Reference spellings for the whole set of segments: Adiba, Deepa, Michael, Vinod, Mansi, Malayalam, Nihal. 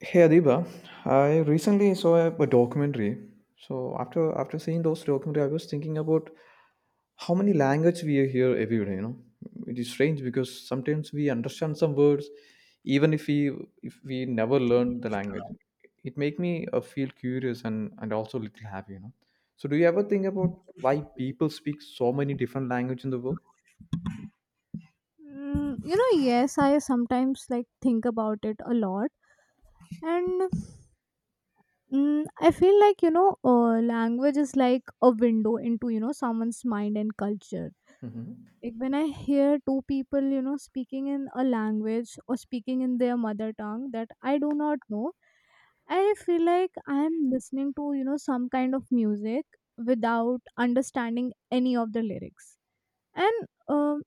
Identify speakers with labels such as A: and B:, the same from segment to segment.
A: Hey Adiba, I recently saw a documentary. So after seeing those documentary, I was thinking about how many language we hear every day. You know, it is strange because sometimes we understand some words, even if we never learned the language. It make me feel curious and also a little happy. You know. So do you ever think about why people speak so many different language in the world?
B: You know, yes, I sometimes like think about it a lot, and I feel like language is like a window into, you know, someone's mind and culture.
A: Mhm.
B: Like when I hear two people, you know, speaking in a language or speaking in their mother tongue that I do not know, I feel like I am listening to, you know, some kind of music without understanding any of the lyrics. And um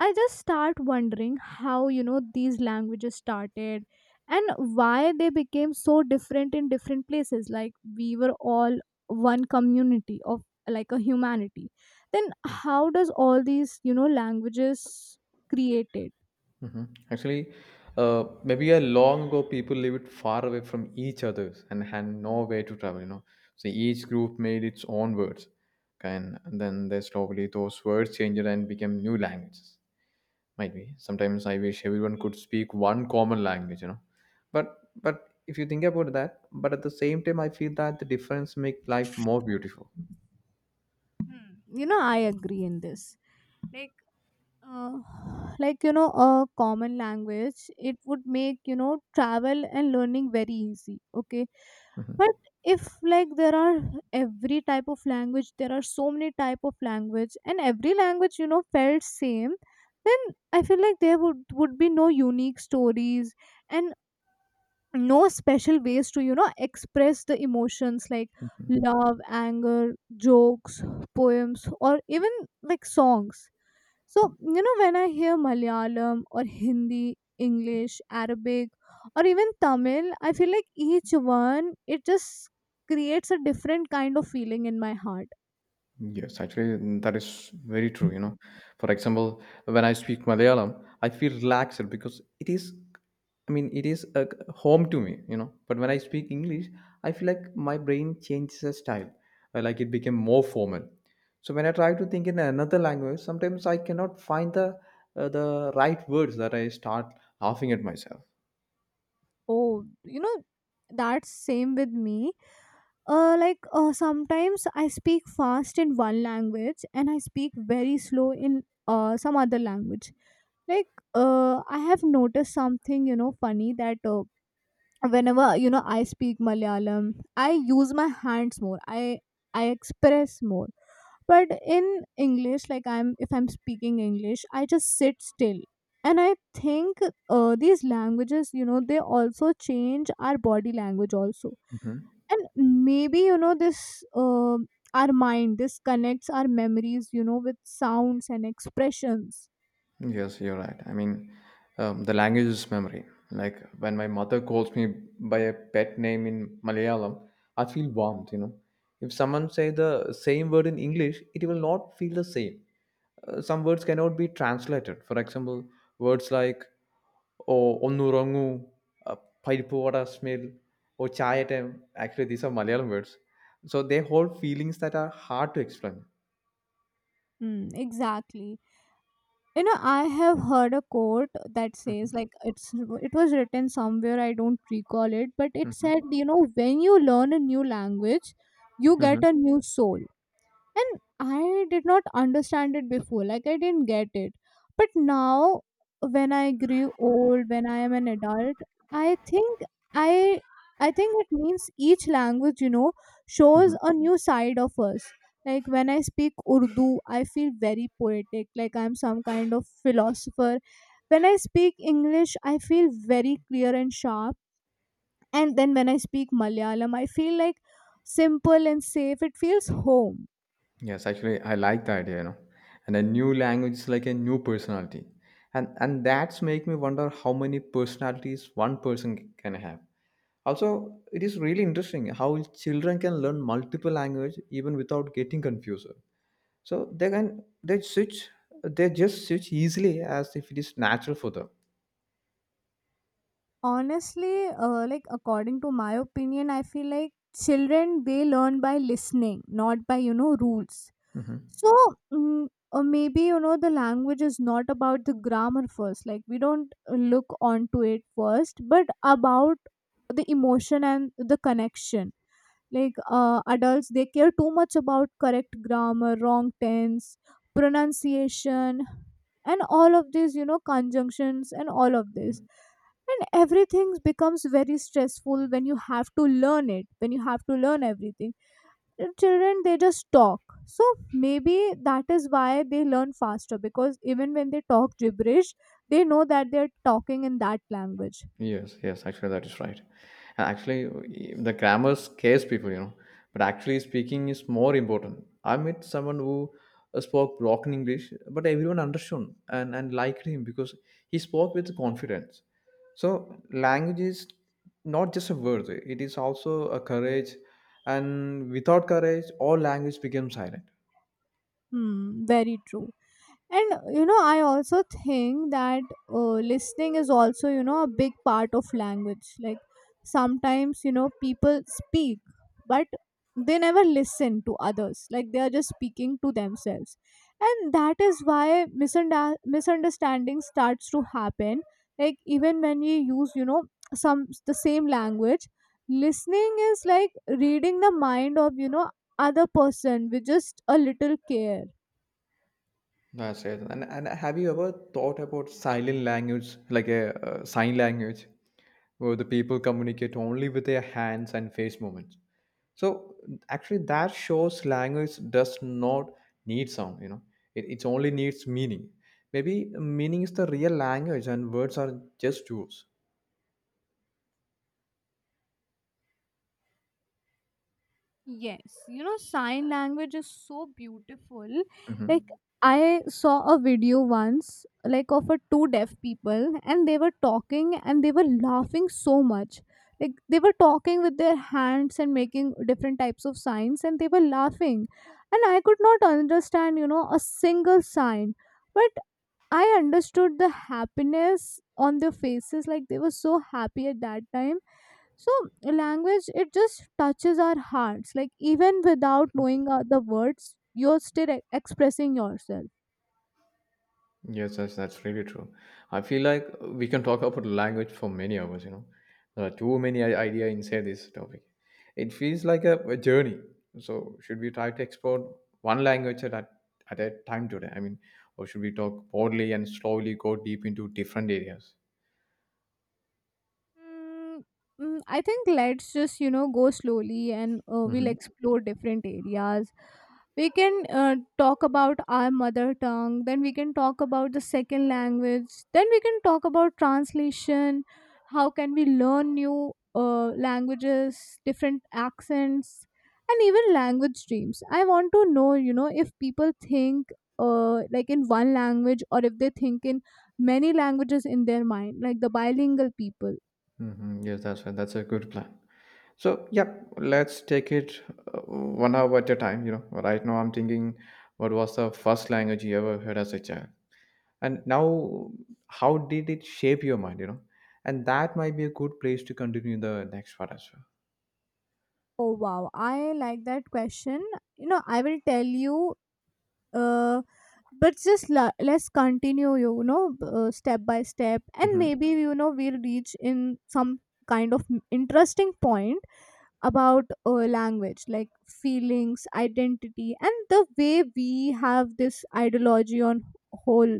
B: I just start wondering how, you know, these languages started, and why they became so different in different places. Like, we were all one community of like a humanity, then how does all these, you know, languages created?
A: Mhm. Actually, maybe a long ago, people lived far away from each other and had no way to travel. You know, so each group made its own words, and, then they slowly those words changed and became new languages. Might be sometimes I wish everyone could speak one common language. You know, but if you think about that, but at the same time, I feel that the difference make life more beautiful.
B: Hmm, you know, I agree in this. Like, uh, like, you know, a common language, it would make, you know, travel and learning very easy. Okay,
A: Mhm.
B: but if like there are every type of language, there are so many type of language, and every language, you know, felt same, then I feel like there would be no unique stories, and no special ways to, you know, express the emotions like love, anger, jokes, poems, or even like songs. So, you know, when I hear Malayalam or Hindi, English, Arabic, or even Tamil, I feel like each one, it just creates a different kind of feeling in my heart.
A: Yes, actually, mm, that is very true. You know, for example, when I speak Malayalam, I feel relaxed because it is, I mean, it is a home to me. You know, but when I speak English, I feel like my brain changes a style, like it became more formal. So when I try to think in another language, sometimes I cannot find the right words that I start laughing at myself.
B: Oh, you know, that's same with me. Like, sometimes I speak fast in one language and I speak very slow in some other language. Like, I have noticed something, you know, funny that whenever, you know, I speak Malayalam, I use my hands more, I express more, but in English, like I'm if I'm speaking English, I just sit still, and I think, these languages, you know, they also change our body language also. And maybe, you know, this uh, our mind this connects our memories, you know, with sounds and expressions.
A: Yes, you're right. I mean, the language is memory. Like when my mother calls me by a pet name in Malayalam, I feel warmed, you know. If someone say the same word in English, it will not feel the same. Some words cannot be translated. For example, words like or ഒന്നുറങ്ങൂ parippu vada smell or chai time actually these are Malayalam words. So they hold feelings that are hard to explain.
B: Exactly. You know, I have heard a quote that says
A: Mhm.
B: like it was written somewhere, I don't recall it, but it
A: Mhm.
B: said, you know, when you learn a new language, you get
A: Mhm.
B: a new soul. And I did not understand it before, like, I didn't get it. But now, when I grew old, when I am an adult, i think i I think it means each language, you know, shows
A: Mhm.
B: a new side of us. Like when I speak Urdu, I feel very poetic, like I'm some kind of philosopher. When I speak English, I feel very clear and sharp. And then when I speak Malayalam, I feel like simple and safe, it feels home.
A: Yes, actually, I like the idea, you know. And a new language is like a new personality, and that's make me wonder how many personalities one person can have. Also, it is really interesting how children can learn multiple language even without getting confused. So they switch, they just switch easily as if it is natural for them.
B: Honestly, like, according to my opinion, I feel like children, they learn by listening, not by, you know, rules.
A: Mm-hmm.
B: So, mm, or maybe, you know, the language is not about the grammar first. Like, we don't look onto it first, but about the emotion and the connection. Like, adults, they care too much about correct grammar, wrong tense, pronunciation, and all of this, you know, conjunctions and all of this, and everything becomes very stressful when you have to learn it, when you have to learn everything. And children, they just talk. So maybe that is why they learn faster, because even when they talk gibberish, they know that they're talking in that language.
A: Yes, yes, actually, that is right. Actually, the grammar scares people, you know, but actually, speaking is more important. I met someone who spoke broken English, but everyone understood and, liked him because he spoke with confidence. So, language is not just a word, it is also a courage, and without courage, all language becomes silent.
B: Hmm, very true. And you know, I also think that listening is also, you know, a big part of language. Like, sometimes, you know, people speak, but they never listen to others, like they are just speaking to themselves, and that is why misunderstanding starts to happen. Like, even when you use, you know, some the same language, listening is like reading the mind of, you know, other person with just a little care.
A: That's it. And, have you ever thought about silent language, like a sign language, where the people communicate only with their hands and face movements? So actually, that shows language does not need sound. You know, it only needs meaning. Maybe meaning is the real language, and words are just tools.
B: Yes, you know, sign language is so beautiful. Like,
A: Mhm.
B: I saw a video once, like, of a two deaf people, and they were talking and they were laughing so much. Like, they were talking with their hands and making different types of signs, and they were laughing. And I could not understand, you know, a single sign, but I understood the happiness on their faces. Like, they were so happy at that time. So language, it just touches our hearts, like, even without knowing the words, you're still expressing yourself.
A: Yes, that's really true. I feel like we can talk about language for many hours, you know. There are too many idea inside this topic. It feels like a journey. So should we try to explore one language at a time today? I mean, or should we talk broadly and slowly go deep into different areas?
B: mm, I think let's just, you know, go slowly, and we'll
A: Mm-hmm.
B: explore different areas. We can talk about our mother tongue, then we can talk about the second language, then we can talk about translation, how can we learn new languages, different accents, and even language dreams. I want to know, you know, if people think like in one language, or if they think in many languages in their mind, like the bilingual people.
A: Mm-hmm. Yes, that's a good plan. So yeah, let's take it one hour at a time. You know, right now I'm thinking, what was the first language you ever heard as a child? And now, how did it shape your mind, you know, and that might be a good place to continue the next part as well.
B: Oh wow, I like that question. You know, I will tell you, uh, but just let's continue, you know, step by step, and
A: Mm-hmm.
B: maybe, you know, we'll reach in some kind of interesting point about language, like feelings, identity, and the way we have this ideology on whole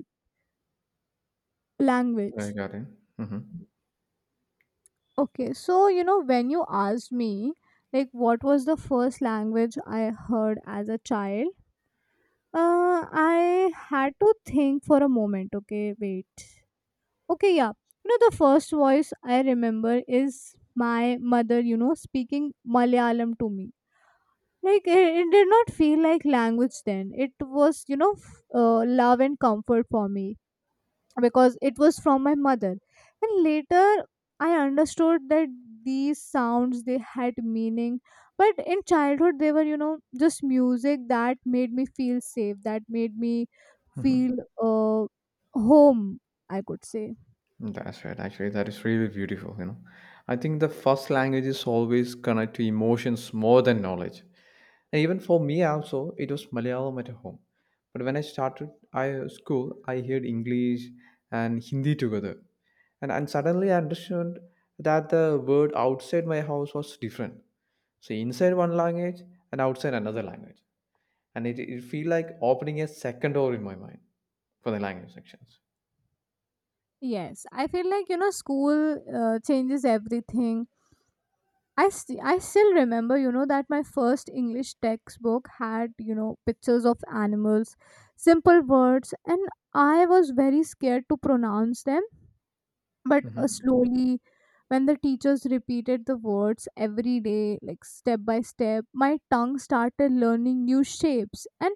A: I
B: language.
A: got it. Mm-hmm.
B: Okay, so you know when you asked me like what was the first language I heard as a child, uh, I had to think for a moment. Okay, wait. Okay, yeah. You know, the first voice I remember is my mother, you know, speaking Malayalam to me. Like, it did not feel like language then. It was, you know, love and comfort for me, because it was from my mother. And later, I understood that these sounds they had meaning, but in childhood they were, you know, just music that made me feel safe, that made me
A: Mm-hmm.
B: feel uh, home, I could say.
A: That's right, actually, that is really beautiful, you know. I think the first language is always connect to emotions more than knowledge. And even for me also, it was Malayalam at home. But when I started I school, I heard English and Hindi together. And, suddenly I understood that the word outside my house was different. So inside one language and outside another language. And it feel like opening a second door in my mind for the language sections.
B: Yes, I feel like, you know, school changes everything. I still remember, you know, that my first English textbook had, you know, pictures of animals, simple words, and I was very scared to pronounce them. But
A: Mhm.
B: slowly, when the teachers repeated the words every day, like step by step, my tongue started learning new shapes, and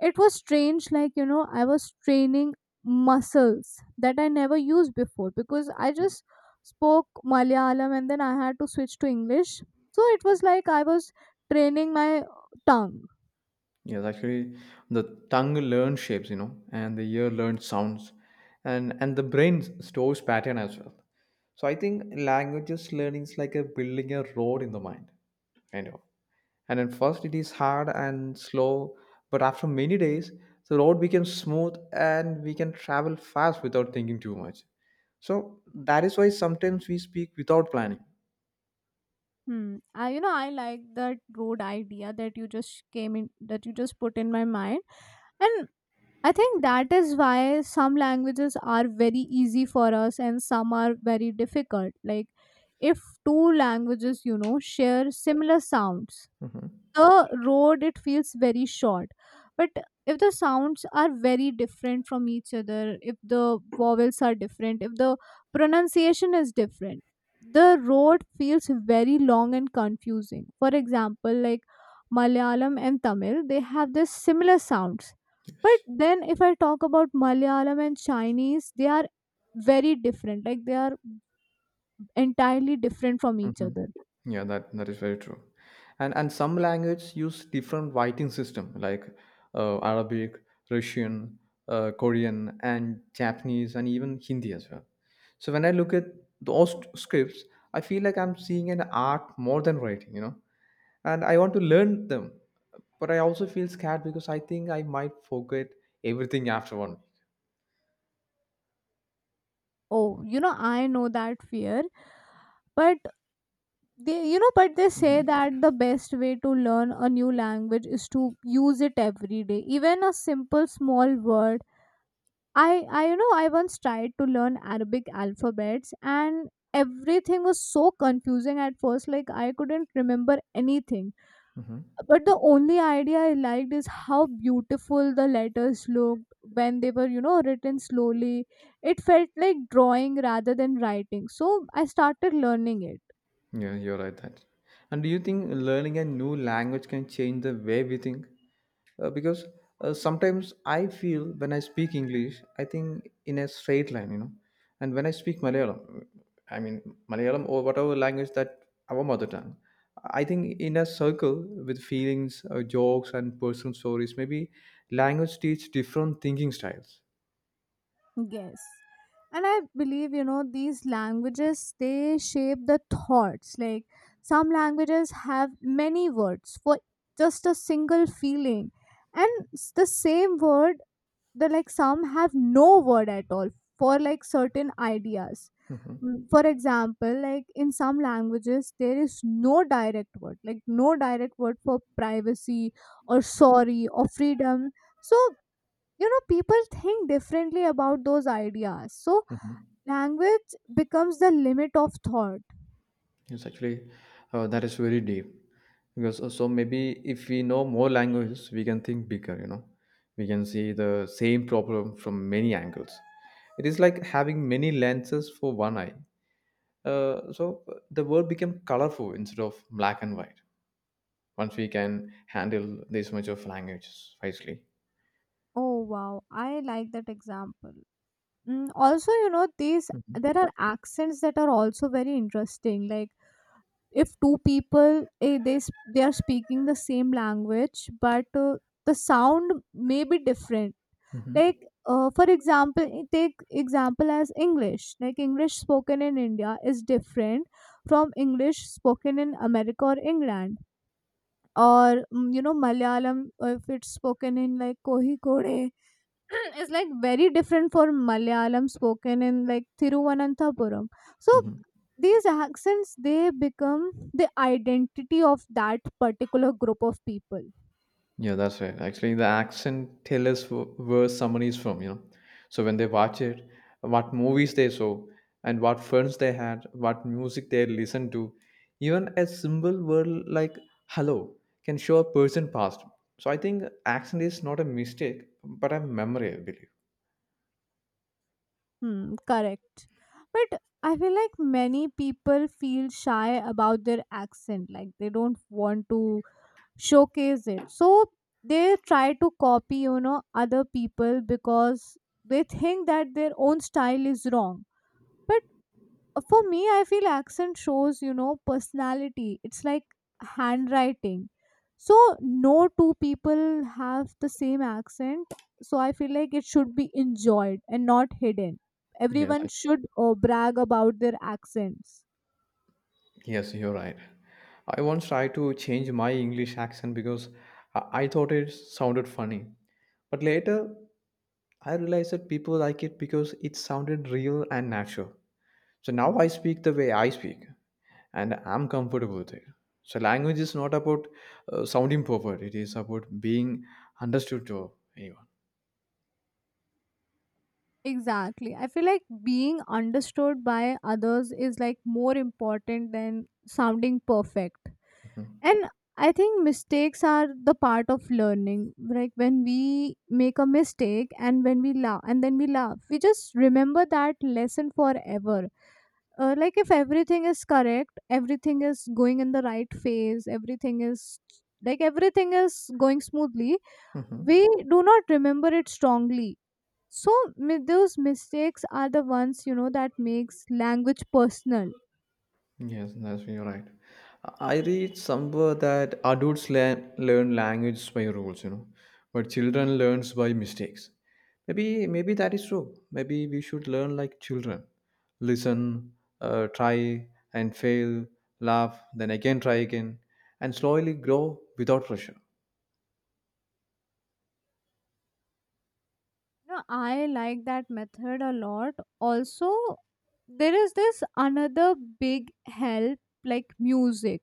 B: it was strange, like, you know, I was training muscles that I never used before, because I just spoke Malayalam and then I had to switch to English. So it was like I was training my tongue.
A: Yes, actually, the tongue learns shapes, you know, and the ear learns sounds, and the brain stores pattern as well. So I think languages learning is like a building a road in the mind, kind of. And at first it is hard and slow, but after many days, the road becomes smooth and we can travel fast without thinking too much. So that is why sometimes we speak without planning.
B: Hmm. I, you know, I like that road idea that you just came in, that you just put in my mind. And I think that is why some languages are very easy for us and some are very difficult. Like, if two languages, you know, share similar sounds,
A: Mhm.
B: the road, it feels very short. But if the sounds are very different from each other, if the vowels are different, if the pronunciation is different, the road feels very long and confusing. For example, like Malayalam and Tamil, they have this similar sounds. But then if I talk about Malayalam and Chinese, they are very different, like they are entirely different from each
A: Mhm.
B: other.
A: Yeah, that is very true. And some language use different writing system like Arabic, Russian, Korean, and Japanese, and even Hindi as well. So when I look at those scripts, I feel like I'm seeing an art more than writing, you know. And I want to learn them, but I also feel scared because I think I might forget everything after one.
B: Oh, you know, I know that fear. But they, you know, but they say
A: Mm-hmm.
B: that the best way to learn a new language is to use it every day, even a simple small word. I You know, I once tried to learn Arabic alphabets, and everything was so confusing at first, like I couldn't remember anything. But the only idea I liked is how beautiful the letters looked when they were, you know, written slowly. It felt like drawing rather than writing, so I started learning it.
A: Yeah, you're right that. And do you think learning a new language can change the way we think? Because sometimes I feel when I speak English, I think in a straight line, you know. And when I speak Malayalam, I mean Malayalam or whatever language that our mother tongue, I think in a circle with feelings, jokes, and personal stories, maybe language teach different thinking styles.
B: Yes. And I believe, you know, these languages, they shape the thoughts. Like some languages have many words for just a single feeling. And the same word, the like some have no word at all for like certain ideas.
A: Hmm.
B: For example, like in some languages, there is no direct word, like no direct word for privacy, or sorry, or freedom. So, you know, people think differently about those ideas. So
A: Hmm.
B: language becomes the limit of thought.
A: Yes, actually, that is very deep. Because so maybe if we know more languages, we can think bigger. You know, we can see the same problem from many angles. It is like having many lenses for one eye. So the world became colorful instead of black and white. Once we can handle this much of languages wisely.
B: Oh wow, I like that example. Also, you know, these
A: Hmm.
B: there are accents that are also very interesting. Like, if two people, they are speaking the same language, but the sound may be different. Like, for example, take example as English. Like, English spoken in India is different from English spoken in America or England. Or you know, Malayalam, if it's spoken in like Kohikode is like very different for Malayalam spoken in like Thiruvananthapuram. So
A: Hmm.
B: these accents, they become the identity of that particular group of people.
A: Yeah, that's right. Actually, the accent tell us where someone is from, you know. So when they watch it, what movies they saw, and what friends they had, what music they listened to, even a simple word like "hello" can show a person past. So I think accent is not a mistake, but a memory, I believe.
B: Hmm, correct. But I feel like many people feel shy about their accent, like they don't want to showcase it. So they try to copy, you know, other people, because they think that their own style is wrong. But for me, I feel accent shows, you know, personality. It's like handwriting. So no two people have the same accent, so I feel like it should be enjoyed and not hidden.
A: Yes,
B: Everyone should brag about their accents.
A: yes, you're right. I once tried to change my English accent because I thought it sounded funny. But later, I realized that people like it because it sounded real and natural. So now I speak the way I speak, and I'm comfortable with it. So language is not about sounding perfect; it is about being understood to anyone.
B: Exactly, I feel like being understood by others is like more important than sounding perfect.
A: Mhm.
B: And I think mistakes are the part of learning. Like when we make a mistake and when we laugh and then we laugh, we just remember that lesson forever. Like if everything is correct, everything is going in the right phase, everything is going smoothly,
A: Mhm.
B: we do not remember it strongly. So those mistakes are the ones, you know, that makes language personal.
A: Yes, that's you're right. I read somewhere that adults learn language by rules, you know, but children learns by mistakes. Maybe that is true. Maybe we should learn like children, listen, try and fail, laugh, then again try again, and slowly grow without pressure.
B: No, I like that method a lot. Also, there is this another big help like music.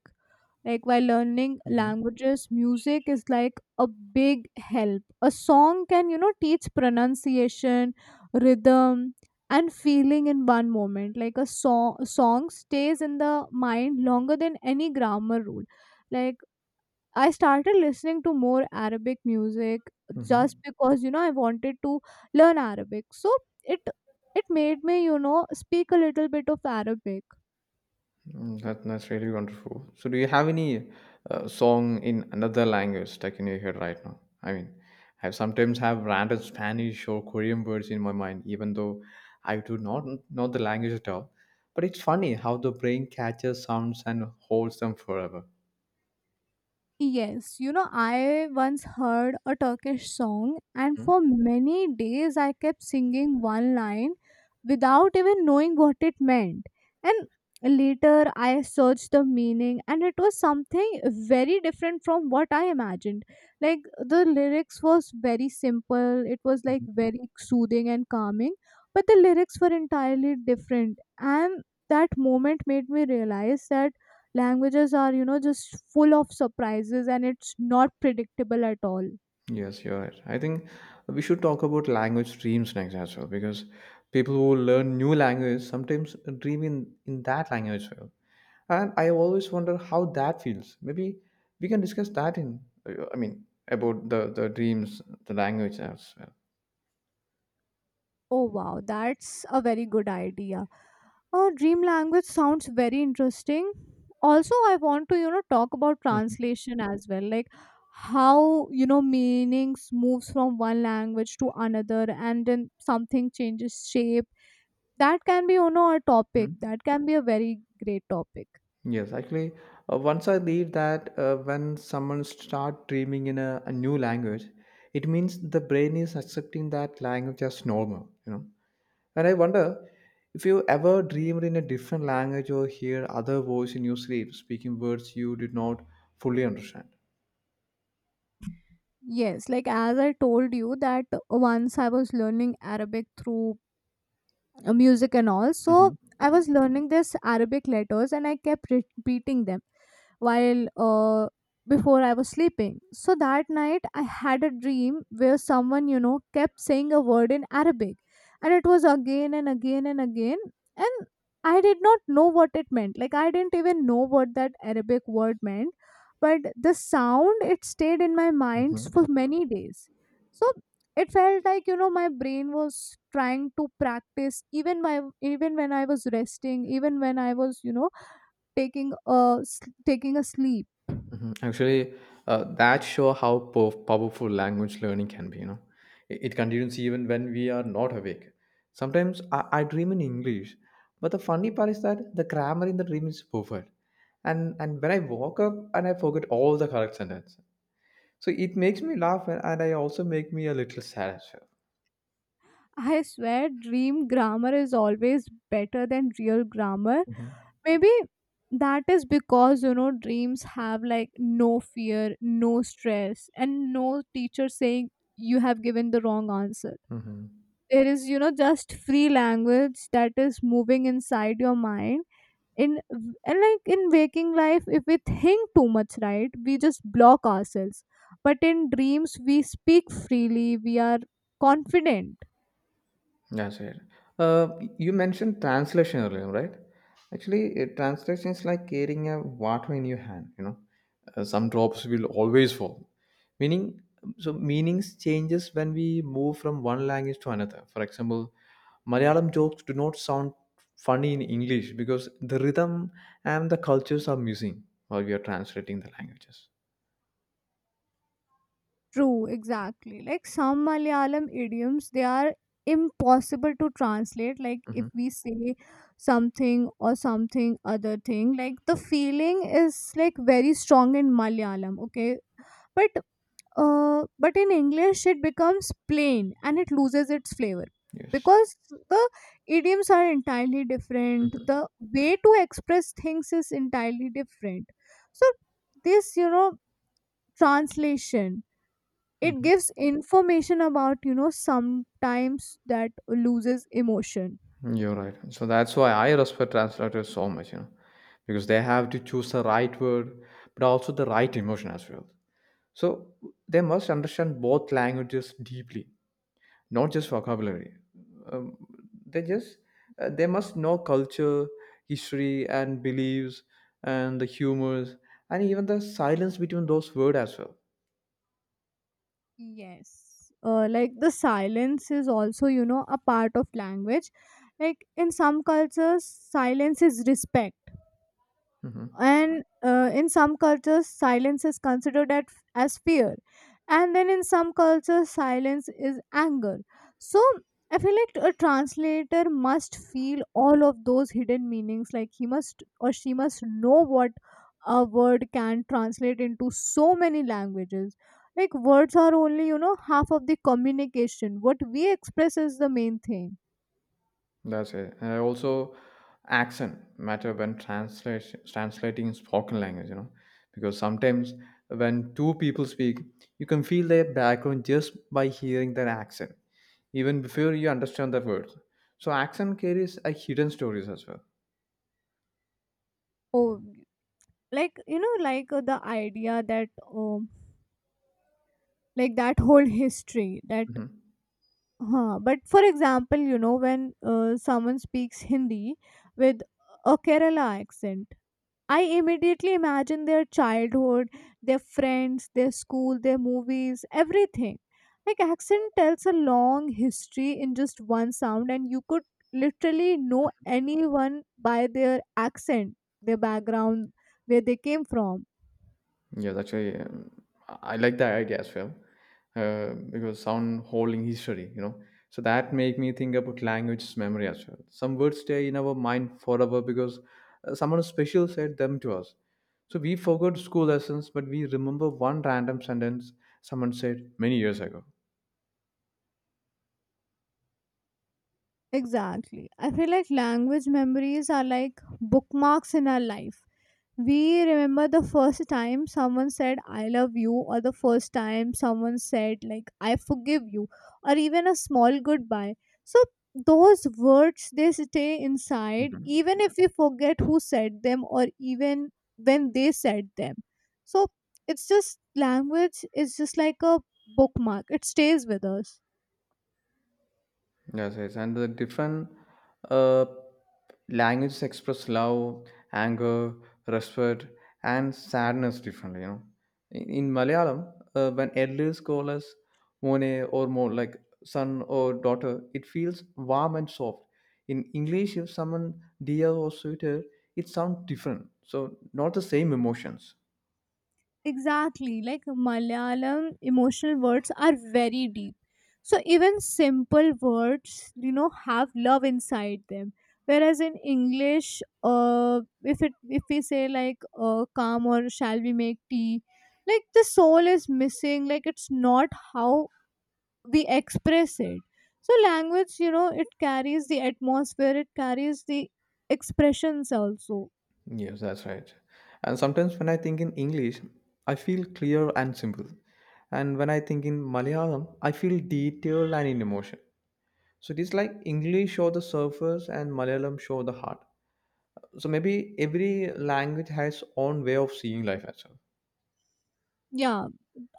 B: Like while learning
A: Mm-hmm.
B: languages, music is like a big help. A song can, you know, teach pronunciation, rhythm, and feeling in one moment. Like a song stays in the mind longer than any grammar rule. Like I started listening to more Arabic music just
A: Mm-hmm.
B: because, you know, I wanted to learn Arabic. So it it made me, you know, speak a little bit of Arabic.
A: Mm, that, that's really wonderful. So, do you have any song in another language stuck in your head right now? I mean, I sometimes have random Spanish or Korean words in my mind, even though I do not know the language at all. But it's funny how the brain catches sounds and holds them forever.
B: Yes, you know, I once heard a Turkish song, and
A: Hmm?
B: for many days I kept singing one line without even knowing what it meant. And later I searched the meaning, and it was something very different from what I imagined. Like the lyrics was very simple, it was like very soothing and calming, but the lyrics were entirely different. And that moment made me realize that languages are, you know, just full of surprises and it's not predictable at all.
A: Yes, you're right. I think we should talk about language dreams next as well because people who learn new language sometimes dream in that language as well. And I always wonder how that feels. Maybe we can discuss that in, I mean, about the dreams, the language as well.
B: Oh wow, that's a very good idea. Oh, dream language sounds very interesting. Also, I want to, you know, talk about translation as well, like how, you know, meanings moves from one language to another and then something changes shape. That can be, you know, a topic.
A: Mhm.
B: That can be a very great topic.
A: Yes, actually, once I believe that when someone start dreaming in a new language, it means the brain is accepting that language as normal, you know. And I wonder if you ever dreamed in a different language or hear other voice in your sleep speaking words you did not fully understand.
B: Yes, like as I told you that once I was learning Arabic through music and all. So
A: Hmm.
B: I was learning this Arabic letters and I kept repeating them while before I was sleeping. So that night I had a dream where someone, you know, kept saying a word in Arabic, and it was again and again and again. And I did not know what it meant. Like I didn't even know what that Arabic word meant. But the sound, it stayed in my mind
A: Hmm.
B: for many days. So it felt like, you know, my brain was trying to practice even my, even when I was resting, even when I was, you know, taking a s- taking a sleep.
A: Hmm. Actually, that show how powerful language learning can be. You know, it continues even when we are not awake. Sometimes I dream in English, but the funny part is that the grammar in the dream is perfect, and when I woke up and I forget all the correct sentence, so it makes me laugh and, I also make me a little sad as
B: I swear dream grammar is always better than real grammar.
A: well.
B: Maybe that is because, you know, dreams have like no fear, no stress, and no teacher saying you have given the wrong answer.
A: Mhm.
B: There is, you know, just free language that is moving inside your mind. In, and like in waking life, if we think too much, right, we just block ourselves, but in dreams we speak freely, we are confident.
A: That's it. Uh, you mentioned translation earlier, right? Actually, translation is like carrying a water in your hand. You know, some drops will always fall. Meaning, so meanings changes when we move from one language to another. For example, Malayalam jokes do not sound funny in English because the rhythm and the cultures are missing while we are translating the languages.
B: True, exactly. Like some Malayalam idioms, they are impossible to translate. Like if
A: Hmm.
B: we say something or something other thing, like the feeling is like very strong in Malayalam, okay? But but in English, it becomes plain and it loses its flavor
A: Yes.
B: because the idioms are entirely different. The
A: Mhm.
B: way to express things is entirely different. So, this, you know, translation, it
A: Mhm.
B: gives information about, you know, sometimes that loses emotion.
A: You're right. So that's why I respect translators so much, you know, because they have to choose the right word, but also the right emotion as well. So they must understand both languages deeply, not just vocabulary. Um, they just they must know culture, history, and beliefs, and the humors, and even the silence between those words as well.
B: Yes, like the silence is also, you know, a part of language. Like in some cultures silence is respect,
A: Mm-hmm.
B: and in some cultures silence is considered at, as fear, and then in some cultures silence is anger. So I feel like a translator must feel all of those hidden meanings, like he must or she must know what a word can translate into so many languages. Like words are only, you know, half of the communication. What we express is the main thing.
A: That's it. And also, accent matter when translation translating spoken language. You know, because sometimes when two people speak, you can feel their background just by hearing their accent, even before you understand the words. So accent carries a hidden stories as well.
B: Oh, like, you know, like the idea that um like that whole history that
A: Mhm.
B: huh. But for example, you know, when someone speaks Hindi with a Kerala accent, I immediately imagine their childhood, their friends, their school, their movies, everything. Like accent tells a long history in just one sound, and you could literally know anyone by their accent, their background, where they came from.
A: Yes, actually, I like that idea as well, because sound holding history, you know. So that make me think about language's memory as well. Some words stay in our mind forever because someone special said them to us. So we forgot school lessons, but we remember one random sentence someone said many years ago.
B: Exactly. I feel like language memories are like bookmarks in our life. We remember the first time someone said, "I love you," or the first time someone said, like, "I forgive you," or even a small goodbye. So, those words they stay inside, even if we forget who said them, or even when they said them. So, it's just language is just like a bookmark, it stays with us.
A: Yes, yes, and the different uh, languages express love, anger, respect, and sadness differently. You know, in Malayalam, when elders call us mone or more like son or daughter, it feels warm and soft. In English, if someone dear or sweeter, it sounds different. So not the same emotions.
B: Exactly. Like Malayalam emotional words are very deep. So even simple words, you know, have love inside them. Whereas in English, if we say like "come" or "shall we make tea," like the soul is missing. Like it's not how we express it. So language, you know, it carries the atmosphere. It carries the expressions also.
A: Yes, that's right. And sometimes when I think in English, I feel clear and simple. And when I think in Malayalam, I feel detailed and in emotion. So it is like English show the surface and Malayalam show the heart. So maybe every language has own way of seeing life as
B: Yeah,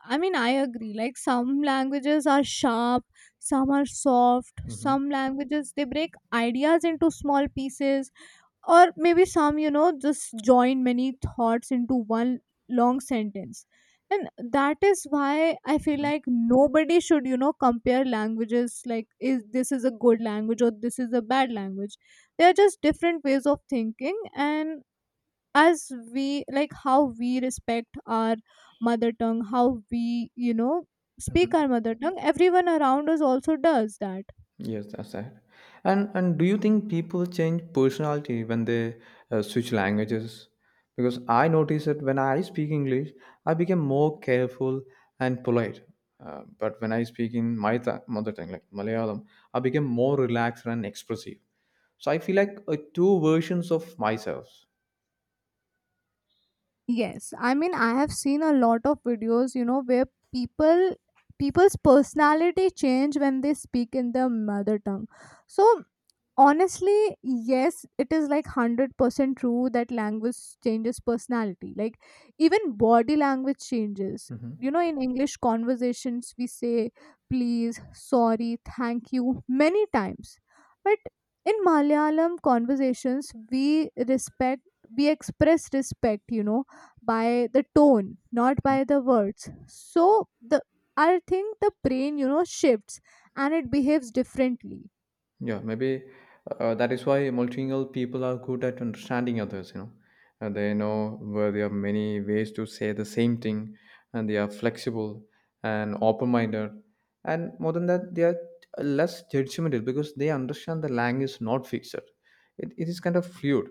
B: I mean, I agree. Like, some languages are sharp, some are soft,
A: well.
B: some languages they break ideas into small pieces, or maybe some, you know, just join many thoughts into one long sentence. And that is why I feel
A: Hmm.
B: like nobody should, you know, compare languages like, is this is a good language or this is a bad language. They are just different ways of thinking, and as we like how we respect our mother tongue, how we, you know, speak
A: Hmm.
B: our mother tongue, everyone around us also does that.
A: Yes, that's right. And do you think people change personality when they switch languages? Because I notice that when I speak English, I become more careful and polite. But when I speak in my mother tongue, like Malayalam, I become more relaxed and expressive. So I feel like two versions of myself.
B: Yes, I mean I have seen a lot of videos, you know, where people people's personality change when they speak in their mother tongue. So honestly, yes, it is like 100% true that language changes personality, like even body language changes. You
A: Mhm.
B: know, in English conversations we say please, sorry, thank you many times, but in Malayalam conversations we respect, we express respect, you know, by the tone not by the words. So the, I think the brain, you know, shifts and it behaves differently.
A: Yeah, maybe that is why multilingual people are good at understanding others, you know. And they know where there are many ways to say the same thing, and they are flexible and open minded. And more than that, they are less judgmental because they understand the language is not fixed, it is kind of fluid.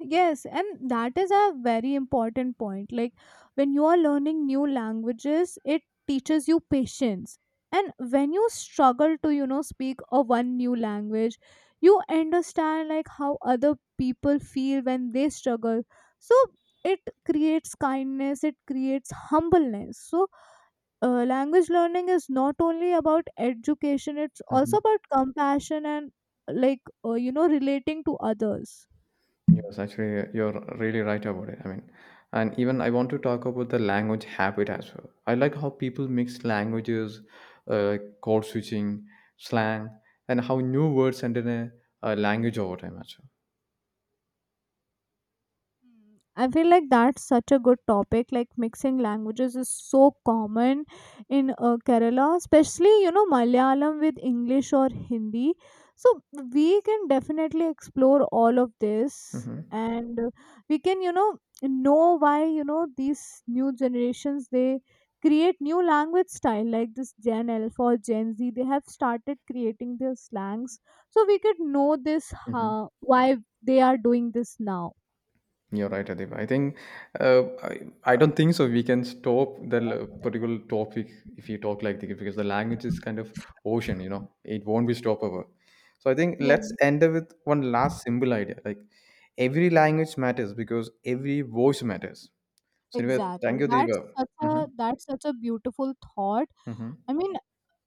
B: Yes, and that is a very important point. Like when you are learning new languages, it teaches you patience. And when you struggle to, you know, speak a one new language, you understand like how other people feel when they struggle. So it creates kindness, it creates humbleness. So language learning is not only about education, it's also about compassion and like you know, relating to others.
A: Yes, actually, you're really right about it. I mean, and even I want to talk about the language habit as well. I like how people mix languages, like code switching, slang, and how new words enter a language over time as
B: Mm, I feel like that's such a good topic. Like mixing languages is so common in Kerala, especially, you know, Malayalam with English or Hindi. So we can definitely explore all of this,
A: well. Mm-hmm.
B: and we can, you know why, you know, these new generations they create new language style like this Gen Alpha or Gen Z. They have started creating their slangs, so we could know this
A: Mm-hmm.
B: why they are doing this now.
A: You're right, Adib. I think I don't think so. We can stop the particular topic if you talk like this because the language is kind of ocean. You know, it won't be stoppable. So I think
B: Yeah.
A: let's end up with one last simple idea. Like every language matters because every voice matters. So anyway,
B: Exactly.
A: thank you, Deepa. Mm-hmm.
B: That's such a beautiful thought.
A: Mm-hmm.
B: I mean,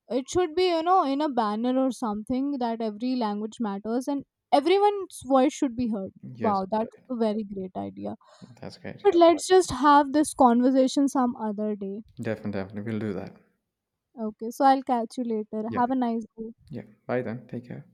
B: it should be, you know, in a banner or something, that every language matters and everyone's voice should be heard.
A: Yes,
B: Wow, that's a very great idea.
A: that's great.
B: But let's just have this conversation some other day.
A: Definitely, definitely, we'll do that.
B: Okay, so I'll catch you later.
A: Yeah,
B: Have a nice day.
A: yeah. Bye then. Take care.